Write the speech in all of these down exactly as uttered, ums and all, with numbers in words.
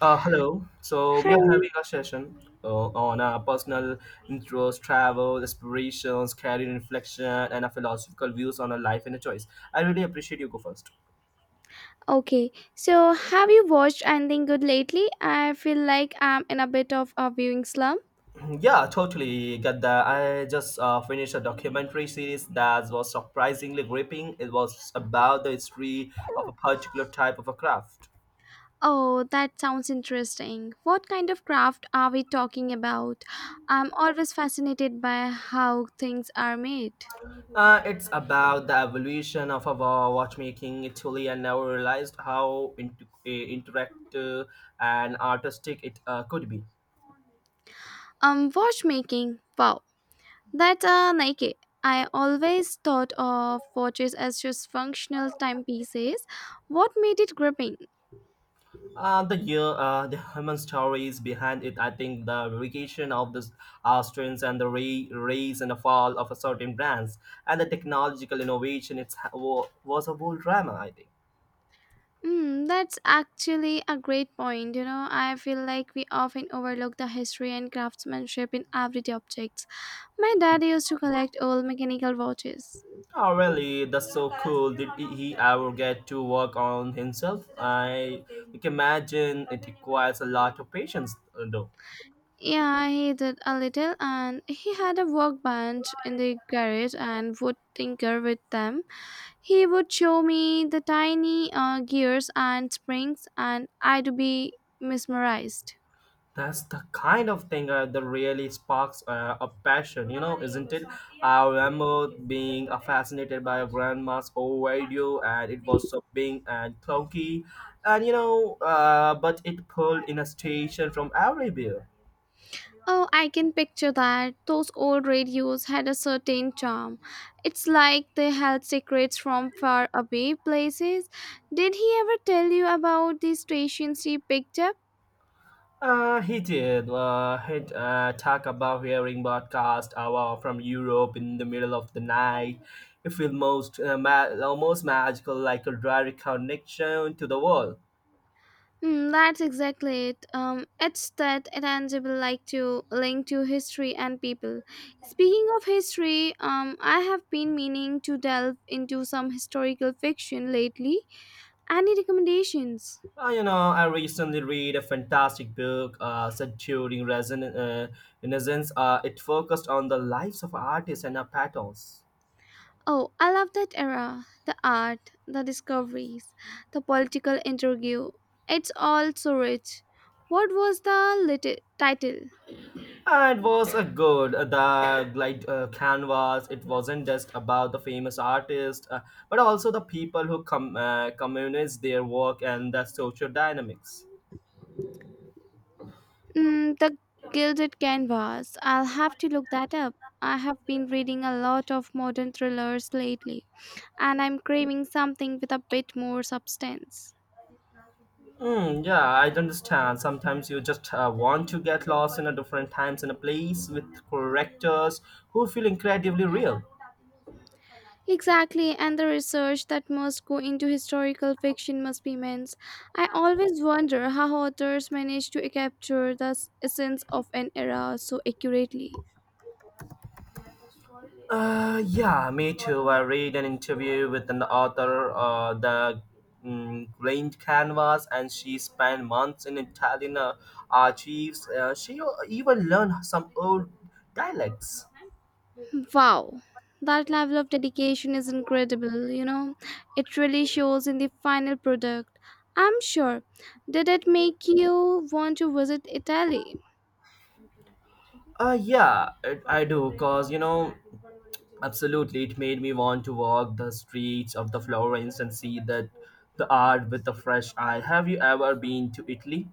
Uh, hello. So we are Hi. having a session uh, on uh, personal interests, travel, aspirations, career reflection, and a philosophical views on a life and a choice. I really appreciate you go first. Okay. So, have you watched anything good lately? I feel like I'm in a bit of a viewing slump. Yeah, totally get that. I just uh, finished a documentary series that was surprisingly gripping. It was about the history of a particular type of a craft. Oh, that sounds interesting. What kind of craft are we talking about? I'm always fascinated by how things are made. Uh, it's about the evolution of our watchmaking. Italy, and never realized how int- uh, interactive and artistic it uh, could be. Um, watchmaking. Wow. That's uh, Nike. I always thought of watches as just functional timepieces. What made it gripping? Uh, the year, uh, the human stories behind it. I think the vacation of the uh, strengths and the ra- rise and the fall of a certain brands and the technological innovation. It's wa- was a whole drama. I think. Mm, that's actually a great point. You know, I feel like we often overlook the history and craftsmanship in everyday objects. My dad used to collect old mechanical watches. Oh, really? That's so cool. Did he ever get to work on himself? I can imagine it requires a lot of patience, uh, though. Yeah, he did a little, and he had a workbench in the garage and would tinker with them. He would show me the tiny uh, gears and springs, and I'd be mesmerized. That's the kind of thing uh, that really sparks uh, a passion, you know, isn't it? I remember being uh, fascinated by grandma's old radio, and it was so big and clunky, and you know, uh, but it pulled in a station from everywhere. Oh, I can picture that. Those old radios had a certain charm. It's like they held secrets from far away places. Did he ever tell you about the stations he picked up? Uh, he did. Uh, he uh, talk about hearing broadcast hour from Europe in the middle of the night. It feels most uh, ma- almost magical, like a direct connection to the world. Hmm, that's exactly it. Um, it's that tangible like to link to history and people. Speaking of history, um, I have been meaning to delve into some historical fiction lately. Any recommendations? Uh, you know, I recently read a fantastic book uh, set during Reson- uh, Renaissance. Uh, it focused on the lives of artists and uh, painters. Oh, I love that era. The art, the discoveries, the political interview. It's all so rich. What was the lit- title? Uh, it was a good. Uh, The glide uh, canvas. It wasn't just about the famous artist, uh, but also the people who com- uh, communicate their work and the social dynamics. Mm, the Gilded Canvas. I'll have to look that up. I have been reading a lot of modern thrillers lately, and I'm craving something with a bit more substance. Mm, yeah, I understand. Sometimes you just uh, want to get lost in a different times and a place with characters who feel incredibly real. Exactly, and the research that must go into historical fiction must be immense. I always wonder how authors manage to capture the s- essence of an era so accurately. Uh, yeah, me too. I read an interview with an author, uh, the mm, Grand Canvas, and she spent months in Italian uh, archives. Uh, she even learned some old dialects. Wow, that level of dedication is incredible, you know. It really shows in the final product. I'm sure. Did it make you want to visit Italy? Uh, yeah, it, I do, cause you know, absolutely, it made me want to walk the streets of the Florence and see that the art with a fresh eye. Have you ever been to Italy?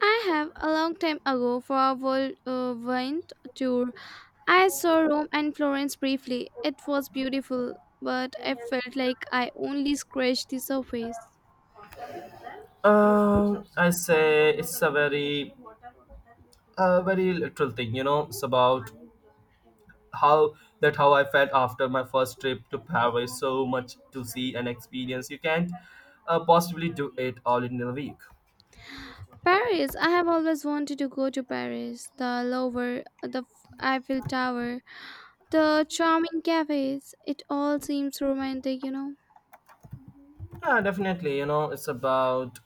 I have a long time ago for a world uh, went tour. I saw Rome and Florence briefly. It was beautiful, but I felt like I only scratched the surface. Um, I say it's a very, a very literal thing. You know, it's about how that how I felt after my first trip to Paris. So much to see and experience. You can't uh, possibly do it all in a week. Paris, I have always wanted to go to Paris. The Louvre, the F- Eiffel Tower, the charming cafes. It all seems romantic, you know. Yeah, definitely. You know, it's about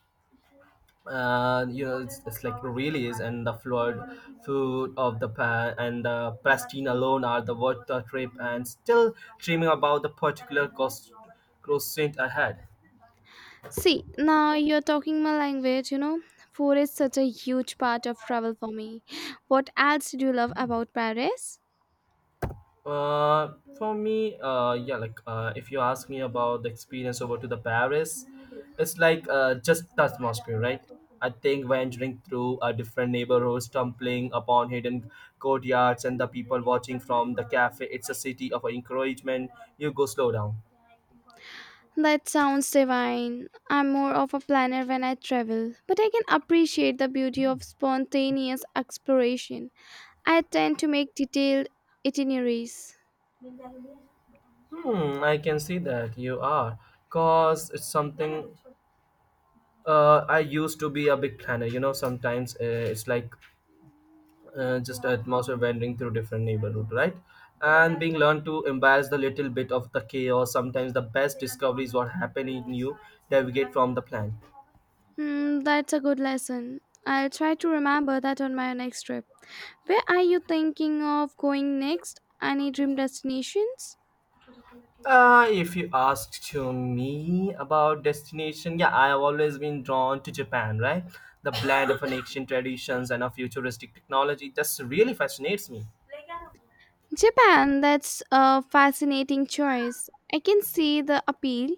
uh, you know, it's, it's like really is, and the flawed food of the pan and the pristine alone are the worth the trip and still dreaming about the particular cost croissant I had. See, now you're talking my language, you know. Food is such a huge part of travel for me. What else did you love about Paris? Uh, for me, uh, yeah, like uh, if you ask me about the experience over to the Paris, it's like uh, just the atmosphere, right? I think wandering through a different neighborhood, stumbling upon hidden courtyards and the people watching from the cafe, it's a city of encouragement. You go slow down. That sounds divine. I'm more of a planner when I travel, but I can appreciate the beauty of spontaneous exploration. I tend to make detailed itineraries. Hmm, I can see that you are. Cause it's something uh, I used to be a big planner. You know, sometimes uh, it's like uh, just an atmosphere wandering through different neighborhood, right? And being learned to embrace the little bit of the chaos. Sometimes the best discoveries what happen in you navigate from the plan. Hmm, that's a good lesson. I'll try to remember that on my next trip. Where are you thinking of going next? Any dream destinations? Uh, if you ask to me about destination, yeah, I have always been drawn to Japan, right? The blend of an ancient traditions and a futuristic technology just really fascinates me. Japan, that's a fascinating choice. I can see the appeal.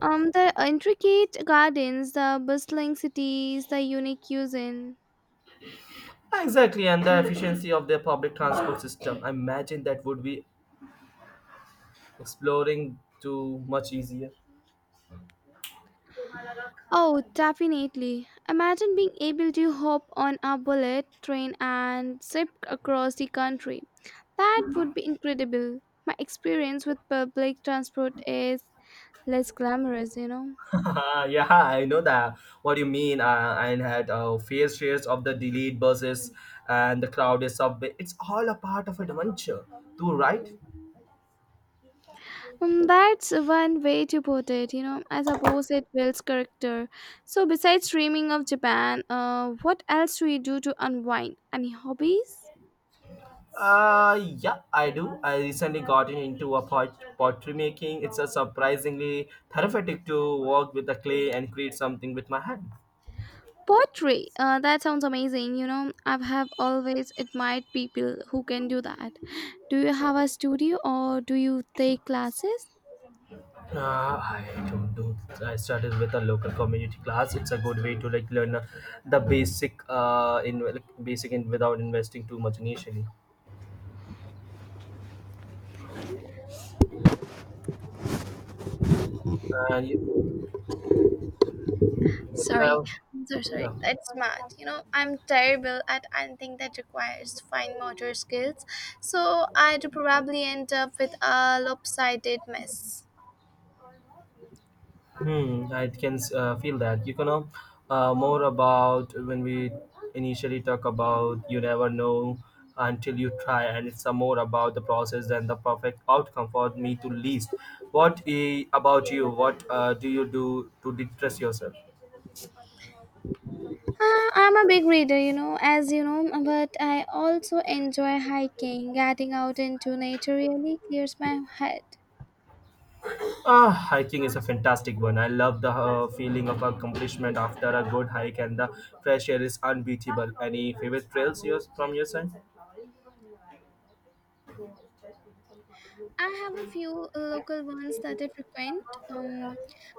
Um, the intricate gardens, the bustling cities, the unique cuisine. Exactly, and the efficiency of their public transport system. I imagine that would be exploring too much easier. Oh, definitely. Imagine being able to hop on a bullet train and zip across the country. That would be incredible. My experience with public transport is less glamorous, you know. yeah, I know that. What do you mean? Uh, I had uh, fair shares of the delayed buses and the crowded subway. It's all a part of adventure, too, right? Um, that's one way to put it, you know. I suppose it builds character. So, besides dreaming of Japan, uh, what else do you do to unwind? Any hobbies? Uh, yeah, I do. I recently got into a pot- pottery making. It's a surprisingly therapeutic to work with the clay and create something with my hand. Poetry. Uh, that sounds amazing. You know, I have always admired people who can do that. Do you have a studio or do you take classes? Uh, I don't do. I started with a local community class. It's a good way to like learn uh, the basic uh in like, basic and without investing too much initially. Uh, you, it, Sorry, well, I'm so sorry, yeah. that's mad. You know, I'm terrible at anything that requires fine motor skills, so I'd probably end up with a lopsided mess. Hmm, I can uh, feel that. You can know uh, more about when we initially talk about you never know until you try, and it's uh, more about the process than the perfect outcome for me to least. What i- about you? What uh, do you do to distress yourself? Uh, I'm a big reader, you know, as you know, but I also enjoy hiking. Getting out into nature really clears my head. Ah, hiking is a fantastic one. I love the uh, feeling of accomplishment after a good hike, and the fresh air is unbeatable. Any favorite trails yours from your side? I have a few uh, local ones that I frequent. Um,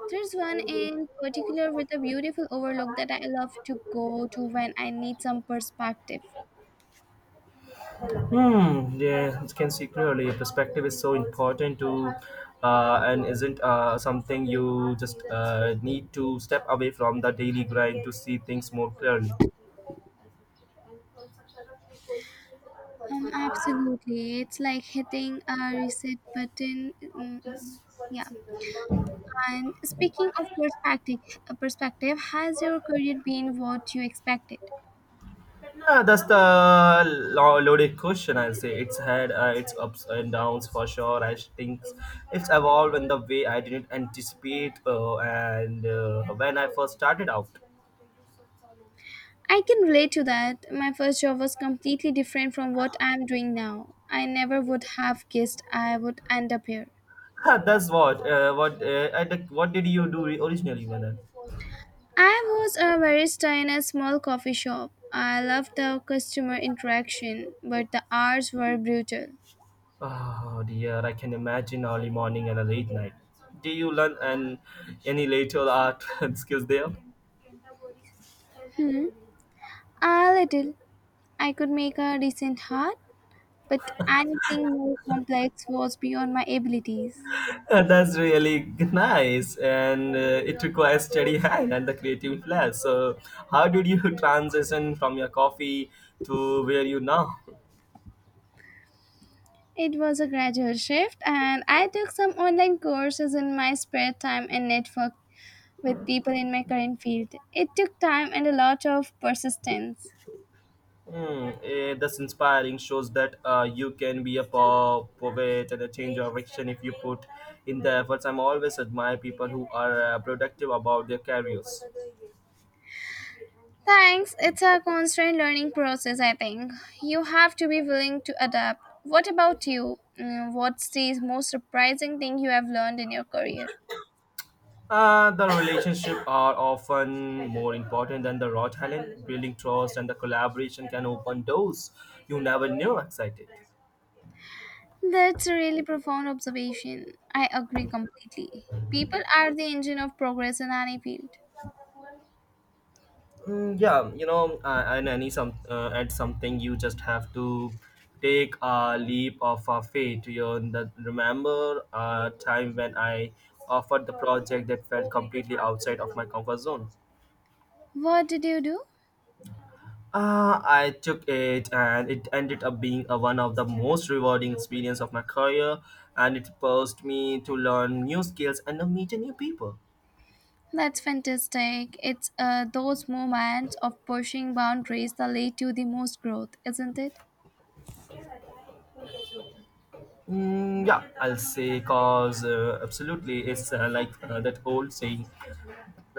there's one in particular with a beautiful overlook that I love to go to when I need some perspective. Hmm. Yeah, you can see clearly. Your Perspective is so important to, uh, and isn't uh, something you just uh, need to step away from the daily grind to see things more clearly. Um, absolutely. It's like hitting a reset button. Mm, mm, mm, Just one yeah. second. And speaking of perspective, uh, perspective, has your career been what you expected? Yeah, that's the lo- loaded question. I'll say it's had uh, its ups and downs for sure. I think it's evolved in the way I didn't anticipate, uh, and uh, when I first started out. I can relate to that. My first job was completely different from what I'm doing now. I never would have guessed I would end up here. That's what. Uh, what? Uh, and uh, what did you do originally, Madan? I was a barista in a small coffee shop. I loved the customer interaction, but the hours were brutal. Oh dear, I can imagine early morning and a late night. Do you learn an, any later art skills there? A little. I could make a decent hat, but anything more complex was beyond my abilities. Uh, That's really nice, and uh, it requires steady hand and the creative flair. So, how did you transition from your coffee to where you now? It was a gradual shift, and I took some online courses in my spare time and networked with people in my current field. It took time and a lot of persistence. Hmm, eh, that's inspiring. Shows that uh, you can be a po- poet and a change of direction if you put in the efforts. I'm always admire people who are uh, productive about their careers. Thanks. It's a constant learning process, I think. You have to be willing to adapt. What about you? Mm, what's the most surprising thing you have learned in your career? Uh, the relationship are often more important than the raw talent. Building trust and the collaboration can open doors you never knew excited. That's a really profound observation. I agree completely. People are the engine of progress in any field. Mm, yeah, you know, uh, and any some uh, at something you just have to take a leap of uh, faith. You know, remember a time when I offered the project that felt completely outside of my comfort zone. What did you do? Uh, I took it and it ended up being a, one of the most rewarding experience of my career and it forced me to learn new skills and uh, meet new people. That's fantastic. It's uh, those moments of pushing boundaries that lead to the most growth, isn't it? Mm, yeah, I'll say cause uh, absolutely it's uh, like uh, that old saying.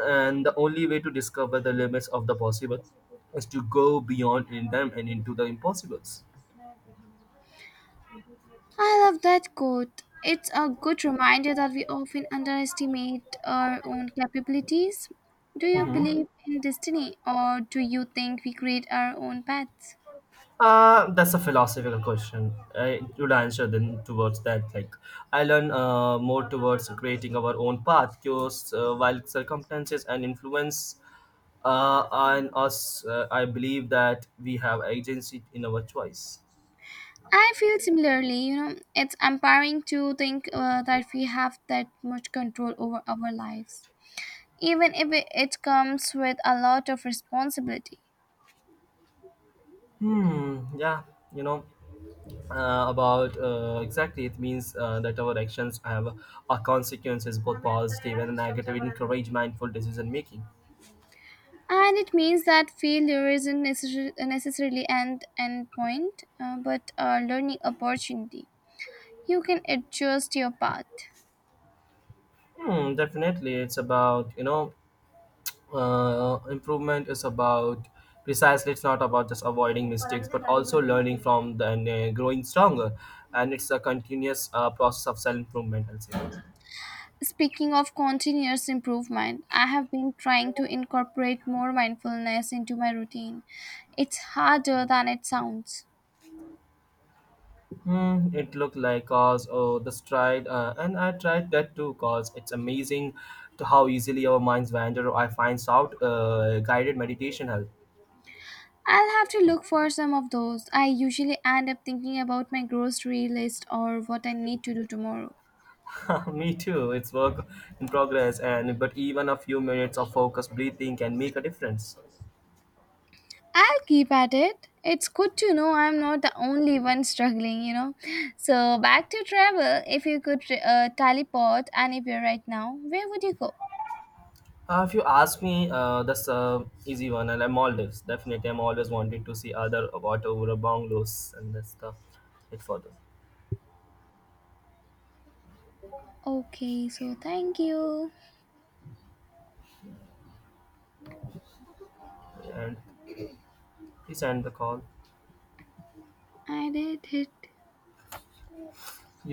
And the only way to discover the limits of the possible is to go beyond in them and into the impossibles. I love that quote. It's a good reminder that we often underestimate our own capabilities. Do you believe in destiny or do you think we create our own paths? Uh, that's a philosophical question. I would answer then towards that like I learn uh, more towards creating our own path because uh, while circumstances and influence uh, on us uh, I believe that we have agency in our choice. I feel similarly, you know, it's empowering to think uh, that we have that much control over our lives, even if it it comes with a lot of responsibility. Hmm, yeah, you know, uh, about uh, exactly it means uh, that our actions have a consequences both positive and negative encourage mindful decision making. And it means that failure isn't necessar- necessarily an end point, uh, but a learning opportunity. You can adjust your path. Hmm, definitely it's about you know uh, improvement is about precisely it's not about just avoiding mistakes but also learning from them and uh, growing stronger, and it's a continuous uh, process of self improvement, I'll say. Speaking of continuous improvement, I have been trying to incorporate more mindfulness into my routine. It's harder than it sounds. Hmm, it looked like cause oh the stride uh, and I tried that too cause it's amazing to how easily our minds wander. I find out uh, guided meditation help. I'll have to look for some of those. I usually end up thinking about my grocery list or what I need to do tomorrow. Me too. It's work in progress and but even a few minutes of focused breathing can make a difference. I'll keep at it. It's good to know I'm not the only one struggling, you know. So, back to travel. If you could uh, teleport anywhere right now, where would you go? Uh, if you ask me, uh, that's a easy one. And I'm Maldives. Definitely, I'm always wanted to see other water over bungalows and that's the it further. Okay, so thank you. And please end the call. I did it. You